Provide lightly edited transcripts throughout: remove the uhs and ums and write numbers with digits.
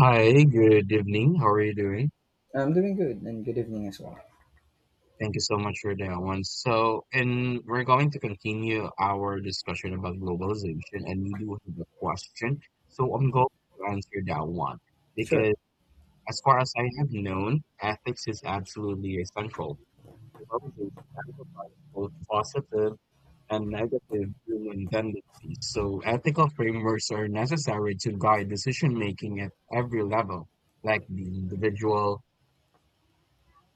Hi, good evening. How are you doing? I'm doing good, and good evening as well. Thank you so much for that one. So, and we're going to continue our discussion about globalization, and you do have a question. So, I'm going to answer that one Sure. because, as far as I have known, ethics is absolutely essential. Globalization amplifies both positive and negative human tendencies. So, ethical frameworks are necessary to guide decision making at every level, like the individual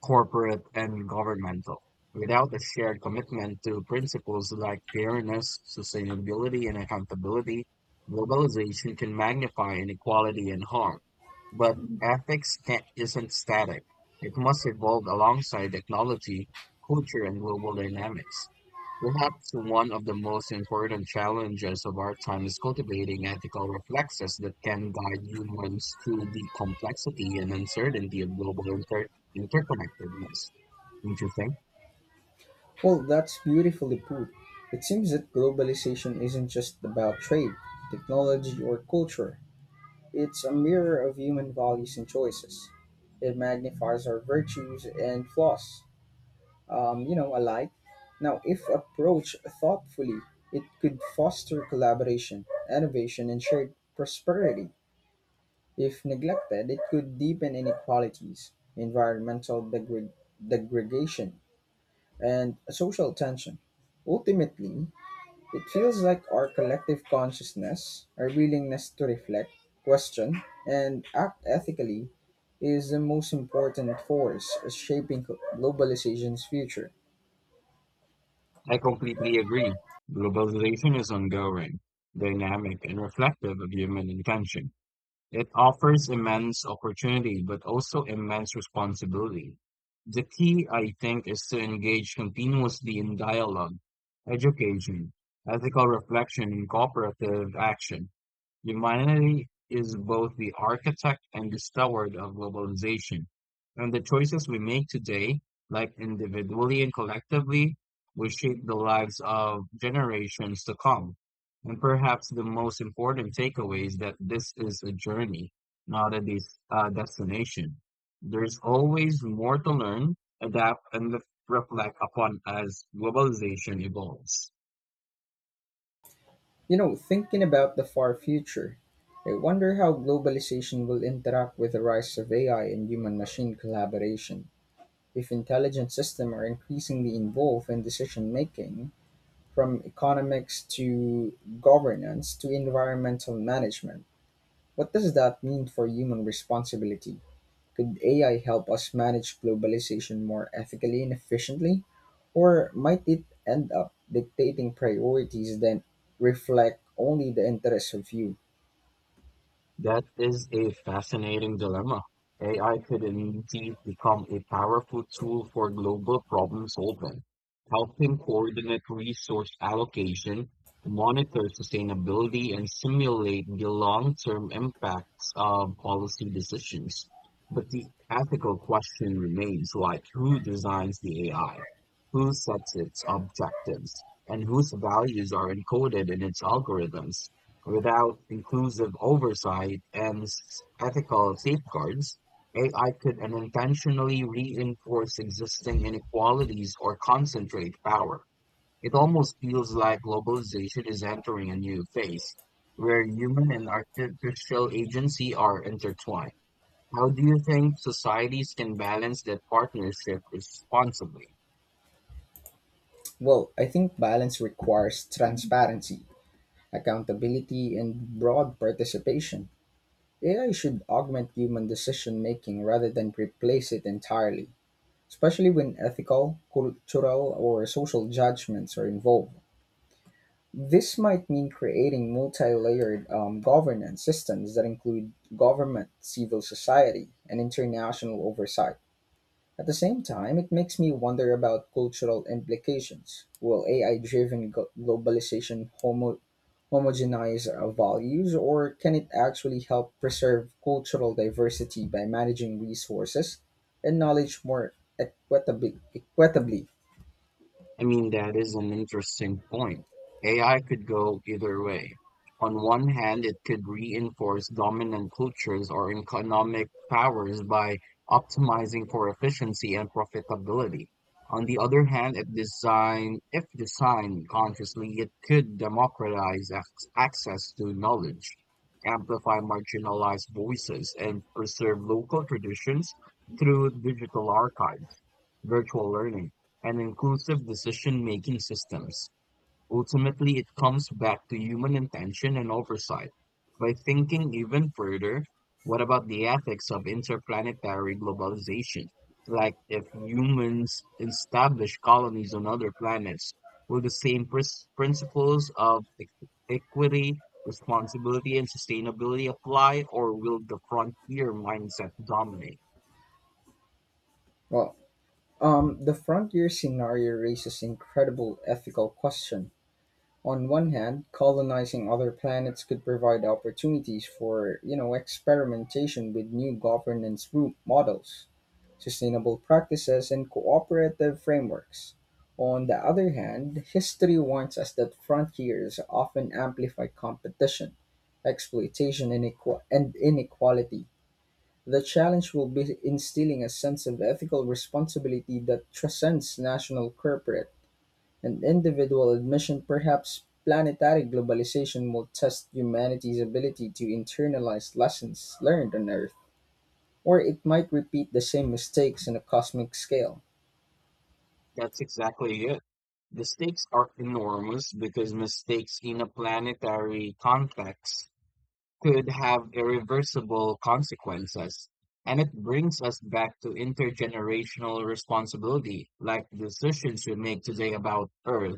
corporate and governmental, without a shared commitment to principles like fairness, sustainability, and accountability, globalization can magnify inequality and harm. But ethics can't, isn't static. It must evolve alongside technology, culture, and global dynamics. Perhaps one of the most important challenges of our time is cultivating ethical reflexes that can guide humans through the complexity and uncertainty of Interconnectedness. Interesting. Well, that's beautifully put. It seems that globalization isn't just about trade, technology, or culture. It's a mirror of human values and choices. It magnifies our virtues and flaws, alike. Now, if approached thoughtfully, it could foster collaboration, innovation, and shared prosperity. If neglected, it could deepen inequalities, environmental degradation, and a social tension. Ultimately, it feels like our collective consciousness, our willingness to reflect, question, and act ethically, is the most important force shaping globalization's future. I completely agree. Globalization is ongoing, dynamic, and reflective of human intention. It offers immense opportunity, but also immense responsibility. The key, I think, is to engage continuously in dialogue, education, ethical reflection, and cooperative action. Humanity is both the architect and the steward of globalization, and the choices we make today, like individually and collectively, will shape the lives of generations to come. And perhaps the most important takeaway is that this is a journey, not a destination. There's always more to learn, adapt, and reflect upon as globalization evolves. You know, thinking about the far future, I wonder how globalization will interact with the rise of AI and human machine collaboration. If intelligent systems are increasingly involved in decision making, from economics to governance to environmental management. What does that mean for human responsibility? Could AI help us manage globalization more ethically and efficiently? Or might it end up dictating priorities that reflect only the interests of few? That is a fascinating dilemma. AI could indeed become a powerful tool for global problem solving, helping coordinate resource allocation, monitor sustainability, and simulate the long-term impacts of policy decisions. But the ethical question remains like who designs the AI, who sets its objectives, and whose values are encoded in its algorithms. Without inclusive oversight and ethical safeguards, AI could unintentionally reinforce existing inequalities or concentrate power. It almost feels like globalization is entering a new phase where human and artificial agency are intertwined. How do you think societies can balance that partnership responsibly? Well, I think balance requires transparency, accountability, and broad participation. AI should augment human decision making rather than replace it entirely, especially when ethical, cultural, or social judgments are involved. This might mean creating multi layered governance systems that include government, civil society, and international oversight. At the same time, it makes me wonder about cultural implications. Will AI driven globalization homogenize our values, or can it actually help preserve cultural diversity by managing resources and knowledge more equitably? Equitably? I mean, that is an interesting point. AI could go either way. On one hand, it could reinforce dominant cultures or economic powers by optimizing for efficiency and profitability. On the other hand, if designed consciously, it could democratize access to knowledge, amplify marginalized voices, and preserve local traditions through digital archives virtual learning, and inclusive decision-making systems. Ultimately, it comes back to human intention and oversight. By thinking even further, what about the ethics of interplanetary globalization? Like, if humans establish colonies on other planets, will the same principles of equity, responsibility, and sustainability apply, or will the frontier mindset dominate? Well, the frontier scenario raises incredible ethical question. On one hand, colonizing other planets could provide opportunities for, you know, experimentation with new governance group models, sustainable practices, and cooperative frameworks. On the other hand, history warns us that frontiers often amplify competition, exploitation, and inequality. The challenge will be instilling a sense of ethical responsibility that transcends national corporate and individual admission, perhaps planetary globalization will test humanity's ability to internalize lessons learned on Earth, or it might repeat the same mistakes on a cosmic scale. That's exactly it. The stakes are enormous because mistakes in a planetary context could have irreversible consequences. And it brings us back to intergenerational responsibility, like decisions we make today about Earth,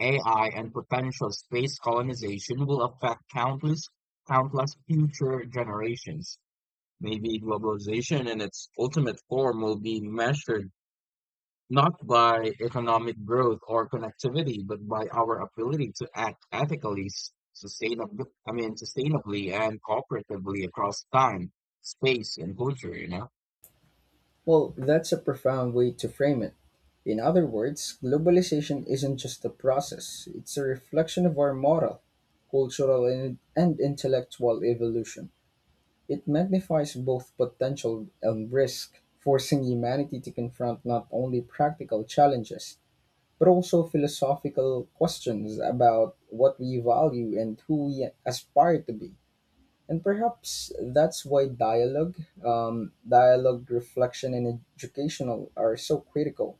AI, and potential space colonization will affect countless future generations. Maybe globalization in its ultimate form will be measured not by economic growth or connectivity, but by our ability to act ethically, sustainably and cooperatively across time, space, and culture, you know? Well, that's a profound way to frame it. In other words, globalization isn't just a process, it's a reflection of our moral, cultural, and intellectual evolution. It magnifies both potential and risk, forcing humanity to confront not only practical challenges, but also philosophical questions about what we value and who we aspire to be. And perhaps that's why dialogue, reflection, and educational are so critical.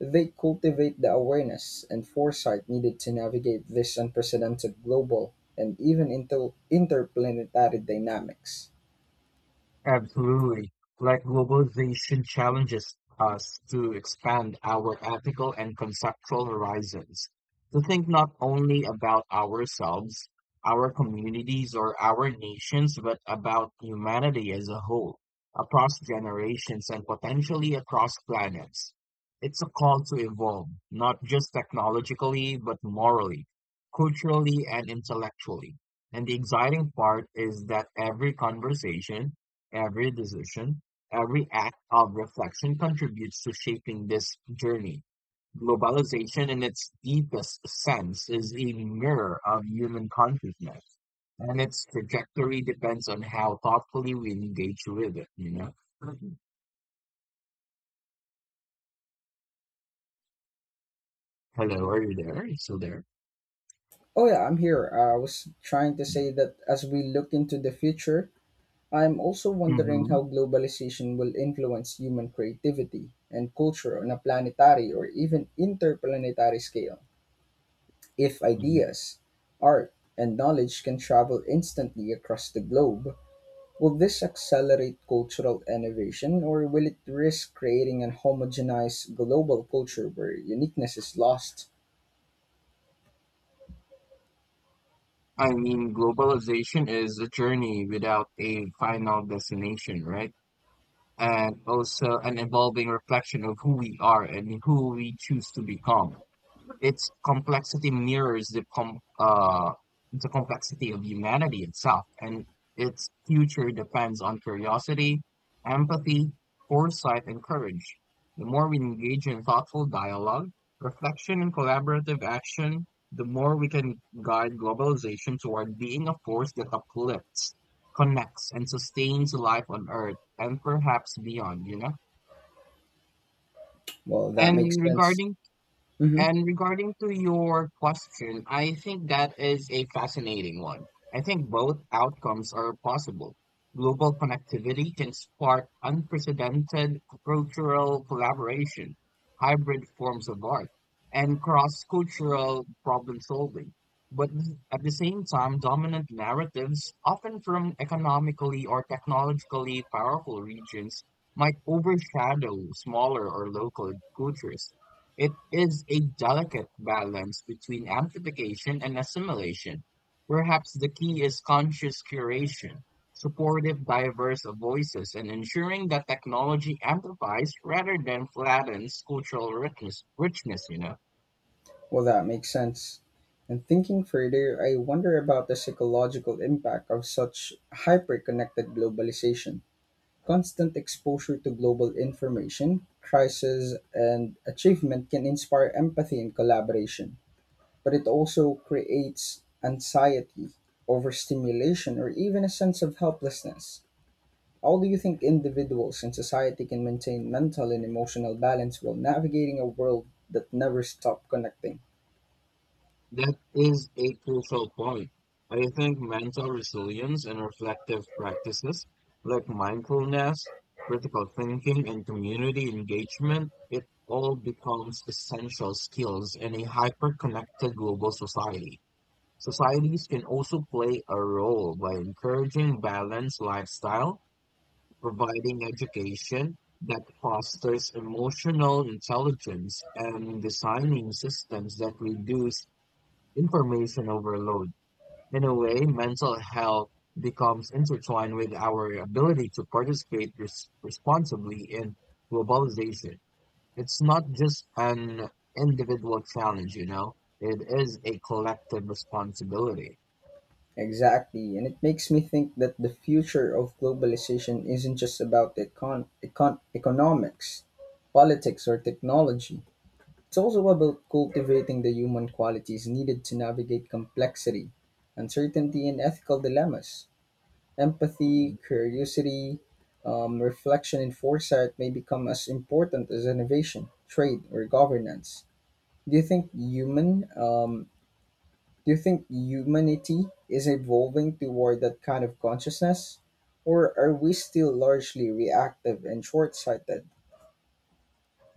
They cultivate the awareness and foresight needed to navigate this unprecedented global and even interplanetary dynamics. Absolutely. Like globalization challenges us to expand our ethical and conceptual horizons, to think not only about ourselves, our communities, or our nations, but about humanity as a whole, across generations and potentially across planets. It's a call to evolve, not just technologically, but morally, culturally, and intellectually. And the exciting part is that every conversation every decision, every act of reflection contributes to shaping this journey. Globalization, in its deepest sense, is a mirror of human consciousness, and its trajectory depends on how thoughtfully we engage with it, you know? Mhm. Hello, are you there? Are you still there? Oh yeah, I'm here. I was trying to Yeah. say that as we look into the future, I am also wondering Hmm. how globalization will influence human creativity and culture on a planetary or even interplanetary scale. If Hmm. ideas, art, and knowledge can travel instantly across the globe, will this accelerate cultural innovation or will it risk creating an homogenized global culture where uniqueness is lost? I mean, globalization is a journey without a final destination, right? And also an evolving reflection of who we are and who we choose to become. Its complexity mirrors the com the complexity of humanity itself, and its future depends on curiosity, empathy, foresight, and courage. The more we engage in thoughtful dialogue, reflection, and collaborative action, the more we can guide globalization toward being a force that uplifts, connects, and sustains life on Earth and perhaps beyond, you know? Well, that And makes sense. regarding Mhm. and regarding to your question, I think that is a fascinating one. I think both outcomes are possible. Global connectivity can spark unprecedented cultural collaboration, hybrid forms of art, and cross-cultural problem solving. But at the same time, dominant narratives, often from economically or technologically powerful regions, might overshadow smaller or local cultures it is a delicate balance between amplification and assimilation. Perhaps the key is conscious curation, supportive diverse of voices, and ensuring that technology amplifies rather than flattens richness you know. Well, that makes sense. And thinking further, I wonder about the psychological impact of such hyper connected globalization. Constant exposure to global information, crisis, and achievement can inspire empathy and collaboration, but it also creates anxiety, overstimulation, or even a sense of helplessness. How do you think individuals and society can maintain mental and emotional balance while navigating a world that never stops connecting? That is a crucial point. I think mental resilience and reflective practices like mindfulness, critical thinking, and community engagement, it all becomes essential skills in a hyper-connected global society. Societies can also play a role by encouraging balanced lifestyle, providing education that fosters emotional intelligence, and designing systems that reduce information overload. In a way, mental health becomes intertwined with our ability to participate responsibly in globalization. It's not just an individual challenge, you know, it is a collective responsibility. Exactly, and it makes me think that the future of globalization isn't just about economics, politics, or technology. It's also about cultivating the human qualities needed to navigate complexity, uncertainty, and ethical dilemmas. Empathy, curiosity, reflection, and foresight may become as important as innovation, trade, or governance. Do you think human um, do you think humanity is evolving toward that kind of consciousness? Or are we still largely reactive and short sighted?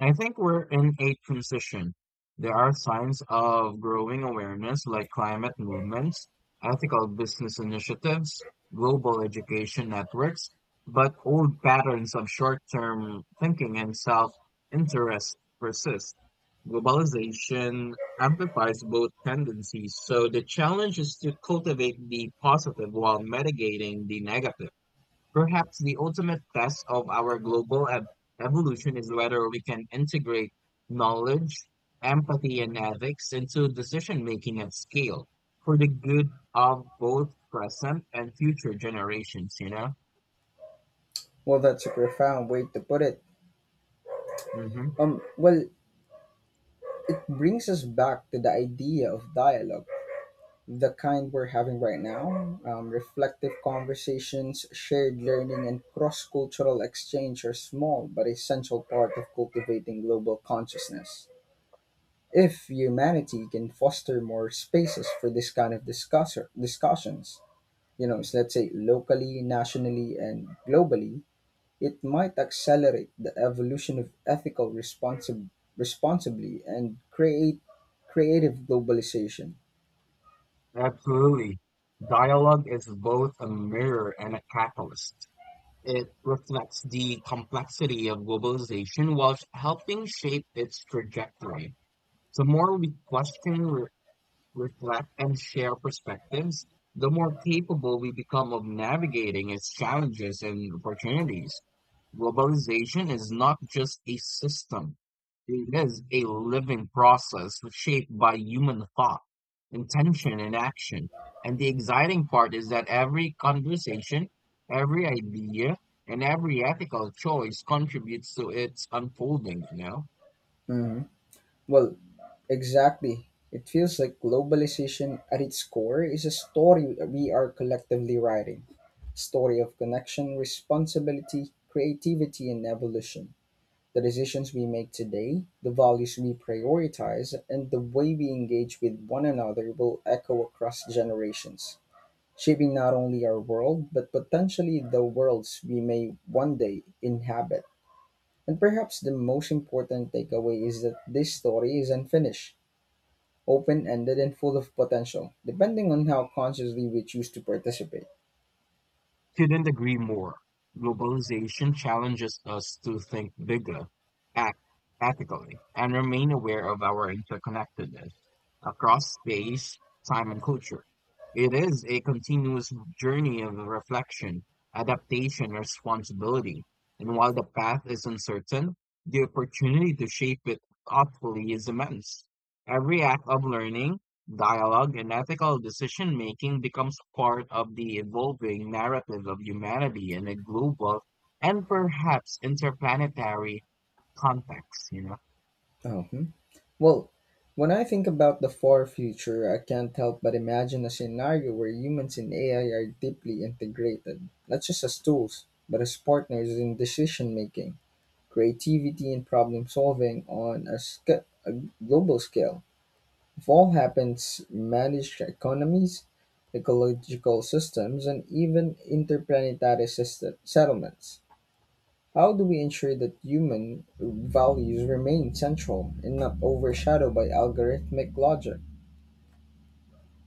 I think we're in a transition. There are signs of growing awareness like climate movements, ethical business initiatives, global education networks, but old patterns of short-term thinking and self-interest persist. Globalization amplifies both tendencies, so the challenge is to cultivate the positive while mitigating the negative. Perhaps the ultimate test of our evolution is whether we can integrate knowledge, empathy, and ethics into decision making at scale for the good of both present and future generations, you know? Well, that's a profound way to put it. Hmm. Um, well, it brings us back to the idea of dialogue, the kind we're having right now. Reflective conversations, shared learning, and cross cultural exchange are small but essential part of cultivating global consciousness. If humanity can foster more spaces for this kind of discussions, you know, so let's say locally, nationally, and globally, it might accelerate the evolution of ethical responsibly and create creative globalization. Absolutely. Dialogue is both a mirror and a catalyst. It reflects the complexity of globalization while helping shape its trajectory. The more we question reflect and share perspectives, the more capable we become of navigating its challenges and opportunities. Globalization is not just a system, it is a living process shaped by human thought, intention, and action. And the exciting part is that every conversation, every idea, and every ethical choice contributes to its unfolding, you know? Mhm. Well, exactly. It feels like globalization at its core is a story that we are collectively writing. Story of connection, responsibility, creativity, and evolution. The decisions we make today, the values we prioritize, and the way we engage with one another will echo across generations, shaping not only our world, but potentially the worlds we may one day inhabit. And perhaps the most important takeaway is that this story is unfinished, open ended, and full of potential, depending on how consciously we choose to participate. Couldn't agree more. Globalization challenges us to think bigger, act ethically, and remain aware of our interconnectedness across space, time, and culture. It is a continuous journey of reflection, adaptation, and responsibility. And while the path is uncertain, the opportunity to shape it thoughtfully is immense. Every act of learning, dialogue and ethical decision-making becomes part of the evolving narrative of humanity in a global and perhaps interplanetary context, you know. Oh, hmm. Well, when I think about the far future, I can't help but imagine a scenario where humans and AI are deeply integrated, not just as tools, but as partners in decision making, creativity, and problem solving on a global scale. If all happens, managed economies, ecological systems, and even settlements. How do we ensure that human values remain central and not overshadowed by algorithmic logic?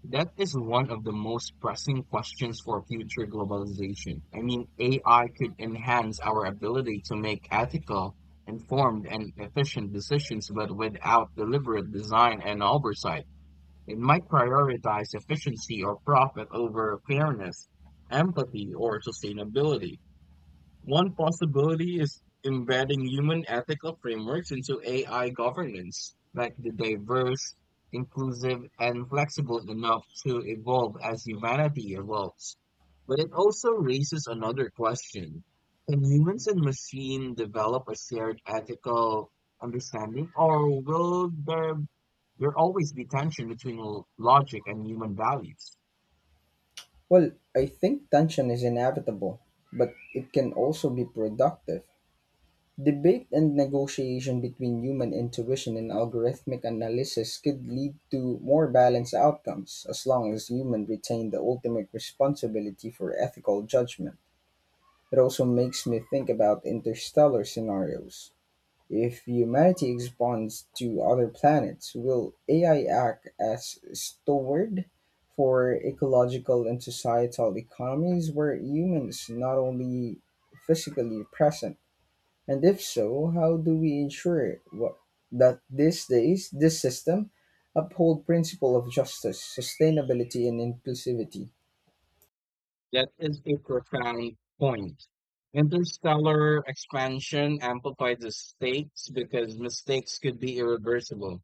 That is one of the most pressing questions for future globalization. I mean, AI could enhance our ability to make ethical, informed, and efficient decisions, but without deliberate design and oversight. It might prioritize efficiency or profit over fairness, empathy, or sustainability. One possibility is embedding human ethical frameworks into AI governance, like the diverse, inclusive, and flexible enough to evolve as humanity evolves. But it also raises another question. Can humans and machine develop a shared ethical understanding, or will there always be tension between logic and human values. Well, I think tension is inevitable, but it can also be productive. Debate and negotiation between human intuition and algorithmic analysis could lead to more balanced outcomes as long as humans retain the ultimate responsibility for ethical judgment. It also makes me think about interstellar scenarios. If humanity expands to other planets, will AI act as steward for ecological and societal economies where humans not only physically present? And if so, how do we ensure what, that these days this system uphold principle of justice, sustainability, and inclusivity? That is a profound point. Interstellar expansion amplifies the stakes because mistakes could be irreversible.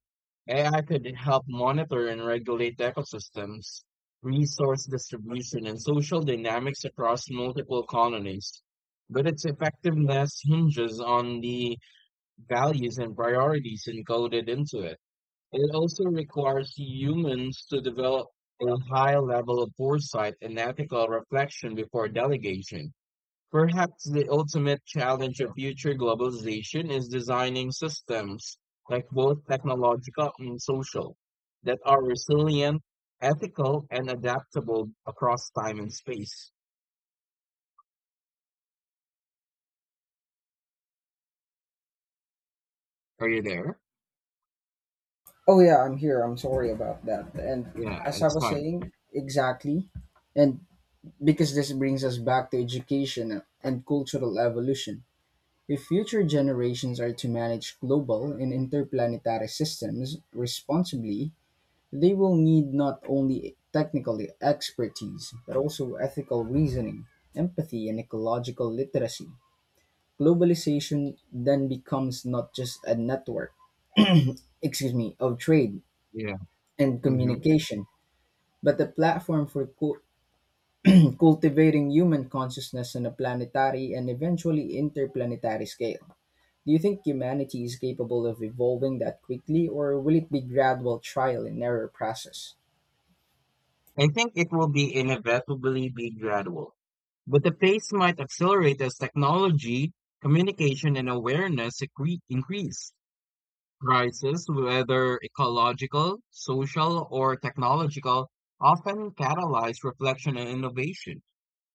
AI could help monitor and regulate ecosystems, resource distribution, and social dynamics across multiple colonies. But its effectiveness hinges on the values and priorities encoded into it. It also requires humans to develop a high level of foresight and ethical reflection before delegation. Perhaps the ultimate challenge of future globalization is designing systems, like both technological and social, that are resilient, ethical, and adaptable across time and space. Are you there? Oh yeah, I'm here. I'm sorry about that. And Yeah, as I it's was fine. saying, exactly. And because this brings us back to education and cultural evolution. If future generations are to manage global and interplanetary systems responsibly, they will need not only technical expertise, but also ethical reasoning, empathy, and ecological literacy. Globalization then becomes not just a network, excuse me, of trade Yeah. and Hmm. communication, but a platform for cultivating human consciousness on a planetary and eventually interplanetary scale. Do you think humanity is capable of evolving that quickly, or will it be gradual trial and error process? I think it will be inevitably be gradual, but the pace might accelerate as technology, communication, and awareness increase. Crises, whether ecological, social, or technological, often catalyze reflection and innovation.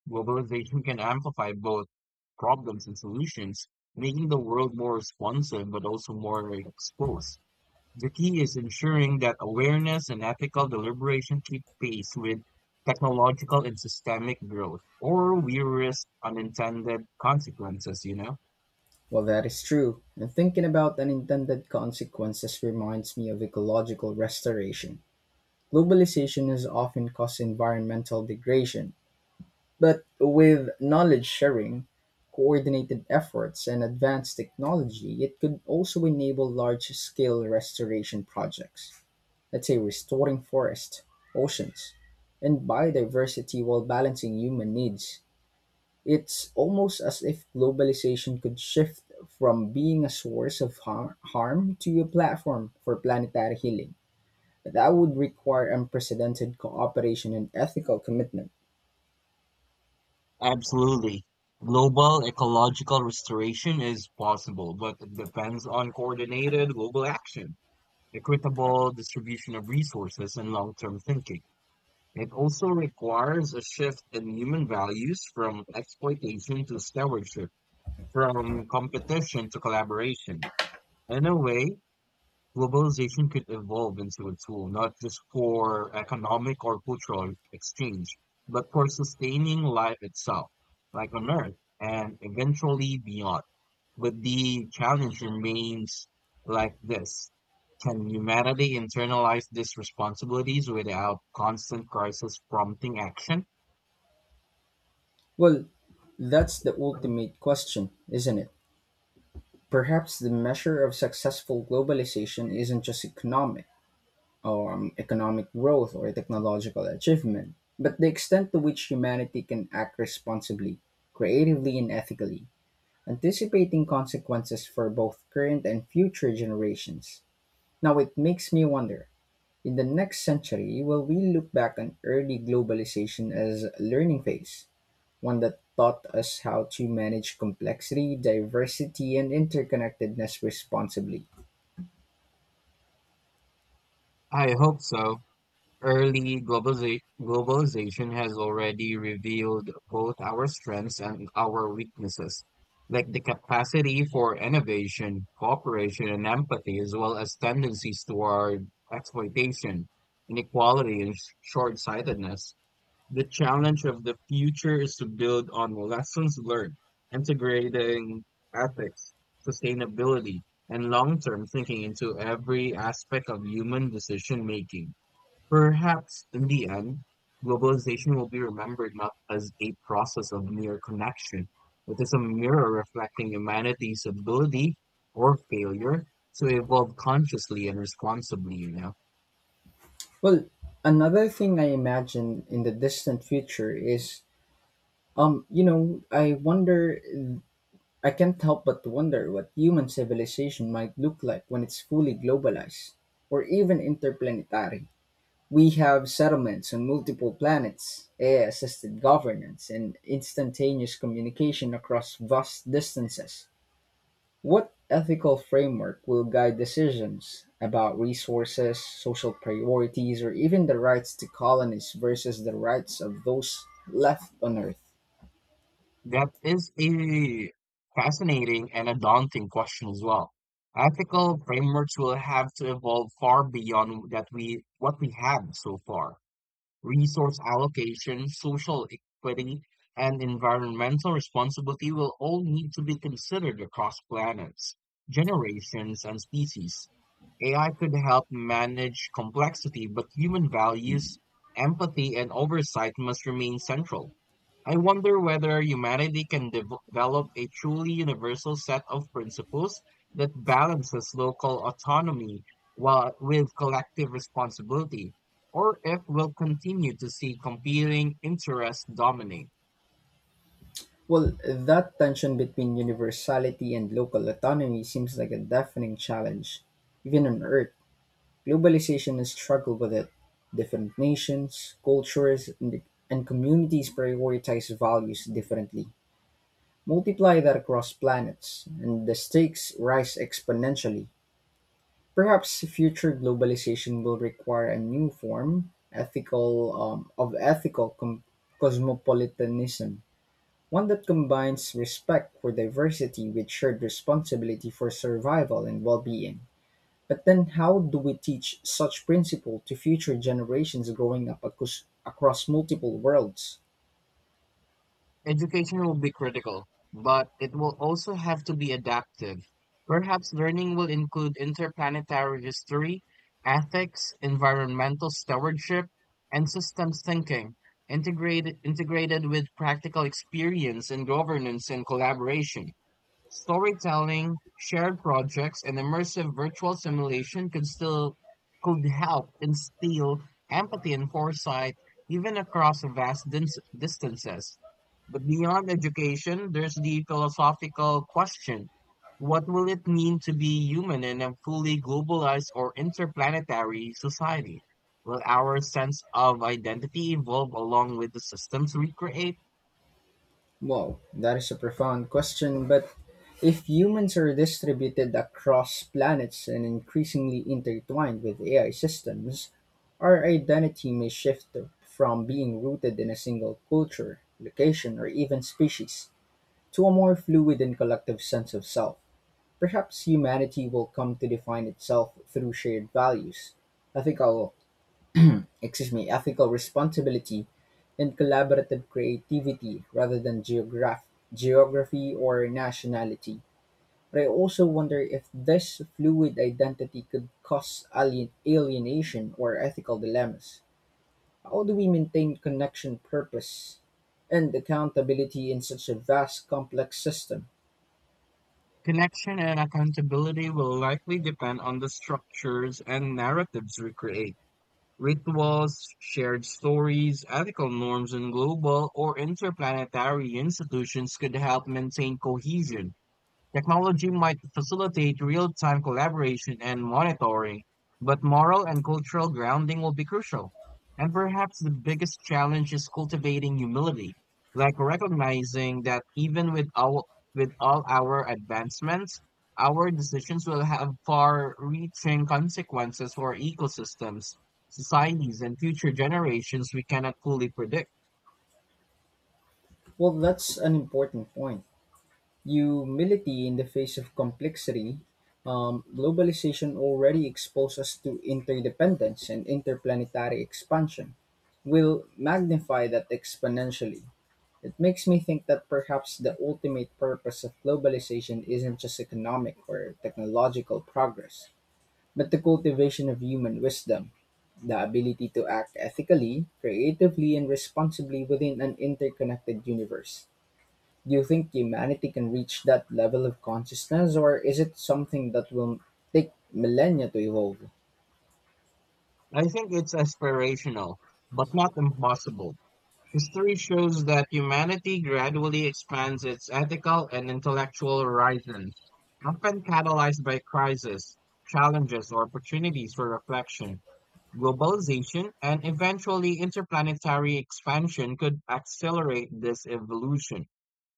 Globalization can amplify both problems and solutions, making the world more responsive but also more exposed. The key is ensuring that awareness and ethical deliberation keep pace with technological and systemic growth, or we risk unintended consequences, you know? Well, that is true, and thinking about unintended consequences reminds me of ecological restoration. Globalization has often caused environmental degradation, but with knowledge sharing, coordinated efforts, and advanced technology, it could also enable large scale restoration projects. Let's say restoring forests, oceans, and biodiversity while balancing human needs. It's almost as if globalization could shift from being a source of harm to a platform for planetary healing. That would require unprecedented cooperation and ethical commitment. Absolutely. Global ecological restoration is possible, but it depends on coordinated global action, equitable distribution of resources, and long term thinking. It also requires a shift in human values from exploitation to stewardship, from competition to collaboration. In a way, globalization could evolve into a tool not just for economic or cultural exchange, but for sustaining life itself, like on Earth, and eventually beyond. But the challenge remains like this. Can humanity internalize these responsibilities without constant crisis prompting action? Well, that's the ultimate question, isn't it? Perhaps the measure of successful globalization isn't just economic growth or technological achievement, but the extent to which humanity can act responsibly, creatively, and ethically, anticipating consequences for both current and future generations. Now, it makes me wonder in the next century, will we look back on early globalization as a learning phase? One that taught us how to manage complexity, diversity, and interconnectedness responsibly. I hope so. Early globalization has already revealed both our strengths and our weaknesses, like the capacity for innovation, cooperation, and empathy, as well as tendencies toward exploitation, inequality, and short-sightedness. The challenge of the future is to build on lessons learned, integrating ethics, sustainability, and long-term thinking into every aspect of human decision-making. Perhaps in the end, globalization will be remembered not as a process of mere connection, but as a mirror reflecting humanity's ability or failure to evolve consciously and responsibly, you know. Well, another thing I imagine in the distant future is, um, you know, I wonder, I can't help but wonder what human civilization might look like when it's fully globalized or even interplanetary. We have settlements on multiple planets, AI assisted governance, and instantaneous communication across vast distances. What ethical framework will guide decisions about resources, social priorities, or even the rights to colonists versus the rights of those left on Earth? That is a fascinating and a daunting question as well. Ethical frameworks will have to evolve far beyond that we what we have so far. Resource allocation, social equity, and environmental responsibility will all need to be considered across planets, generations, and species. AI could help manage complexity, but human values, empathy, and oversight must remain central. I wonder whether humanity can develop a truly universal set of principles that balances local autonomy with collective responsibility, or if we'll continue to see competing interests dominate. Well, that tension between universality and local autonomy seems like a deafening challenge. Even on Earth, globalization has struggled with it. Different nations, cultures, and communities prioritize values differently. Multiply that across planets, and the stakes rise exponentially. Perhaps future globalization will require a new form ethical of ethical cosmopolitanism, one that combines respect for diversity with shared responsibility for survival and well-being. But then, how do we teach such principle to future generations growing up across multiple worlds? Education will be critical, but it will also have to be adaptive. Perhaps learning will include interplanetary history, ethics, environmental stewardship, and systems thinking, integrated with practical experience in governance and collaboration. Storytelling, shared projects, and immersive virtual simulation could still could help instill empathy and foresight even across vast distances. But beyond education, there's the philosophical question. What will it mean to be human in a fully globalized or interplanetary society? Will our sense of identity evolve along with the systems we create? Wow, that is a profound question. But if humans are distributed across planets and increasingly intertwined with AI systems, our identity may shift from being rooted in a single culture, location, or even species to a more fluid and collective sense of self. Perhaps humanity will come to define itself through shared values, ethical, ethical responsibility, and collaborative creativity rather than geography or nationality. But I also wonder if this fluid identity could cause alienation or ethical dilemmas. How do we maintain connection, purpose, and accountability in such a vast, complex system? Connection and accountability will likely depend on the structures and narratives we create. Rituals, shared stories, ethical norms in global or interplanetary institutions could help maintain cohesion. Technology might facilitate real-time collaboration and monitoring, but moral and cultural grounding will be crucial. And perhaps the biggest challenge is cultivating humility, like recognizing that with all our advancements, our decisions will have far-reaching consequences for ecosystems, societies, and future generations we cannot fully predict. Well, that's an important point. Humility in the face of complexity, globalization already exposes us to interdependence and interplanetary expansion, will magnify that exponentially. It makes me think that perhaps the ultimate purpose of globalization isn't just economic or technological progress, but the cultivation of human wisdom, the ability to act ethically, creatively, and responsibly within an interconnected universe. Do you think humanity can reach that level of consciousness, or is it something that will take millennia to evolve? I think it's aspirational, but not impossible. History shows that humanity gradually expands its ethical and intellectual horizons, often catalyzed by crises, challenges, or opportunities for reflection. Globalization and eventually interplanetary expansion could accelerate this evolution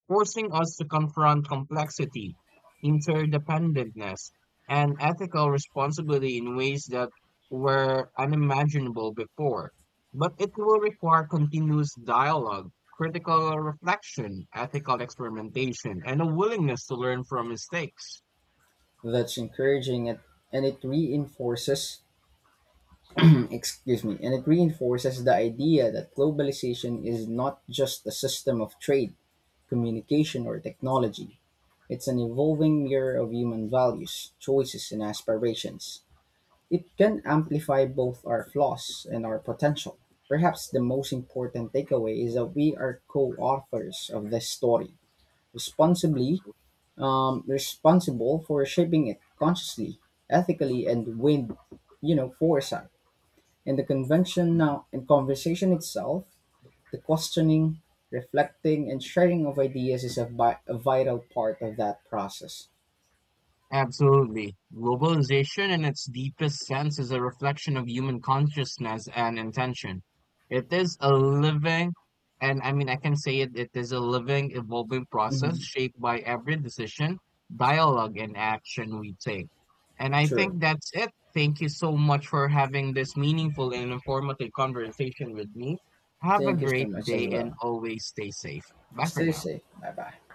forcing us to confront complexity, interdependentness, and ethical responsibility in ways that were unimaginable before. But it will require continuous dialogue, critical reflection, ethical experimentation, and a willingness to learn from mistakes. That's encouraging it, and it reinforces, excuse me, and it reinforces the idea that globalization is not just a system of trade, communication, or technology. It's an evolving mirror of human values, choices, and aspirations. It can amplify both our flaws and our potential. Perhaps the most important takeaway is that we are co-authors of this story, responsibly responsible for shaping it consciously, ethically, and with you know foresight. And the convention now and conversation itself, the questioning, reflecting, and sharing of ideas is a vital part of that process. Absolutely. Globalization, in its deepest sense, is a reflection of human consciousness and intention. It is a living, and I mean, I can say it, It is a living, evolving process Hmm. shaped by every decision, dialogue, and action we take. And I True. think that's it. Thank you so much for having this meaningful and informative conversation with me. Have a Thank you so great much day as and well. always stay safe. Bye for Stay now. safe. Bye bye.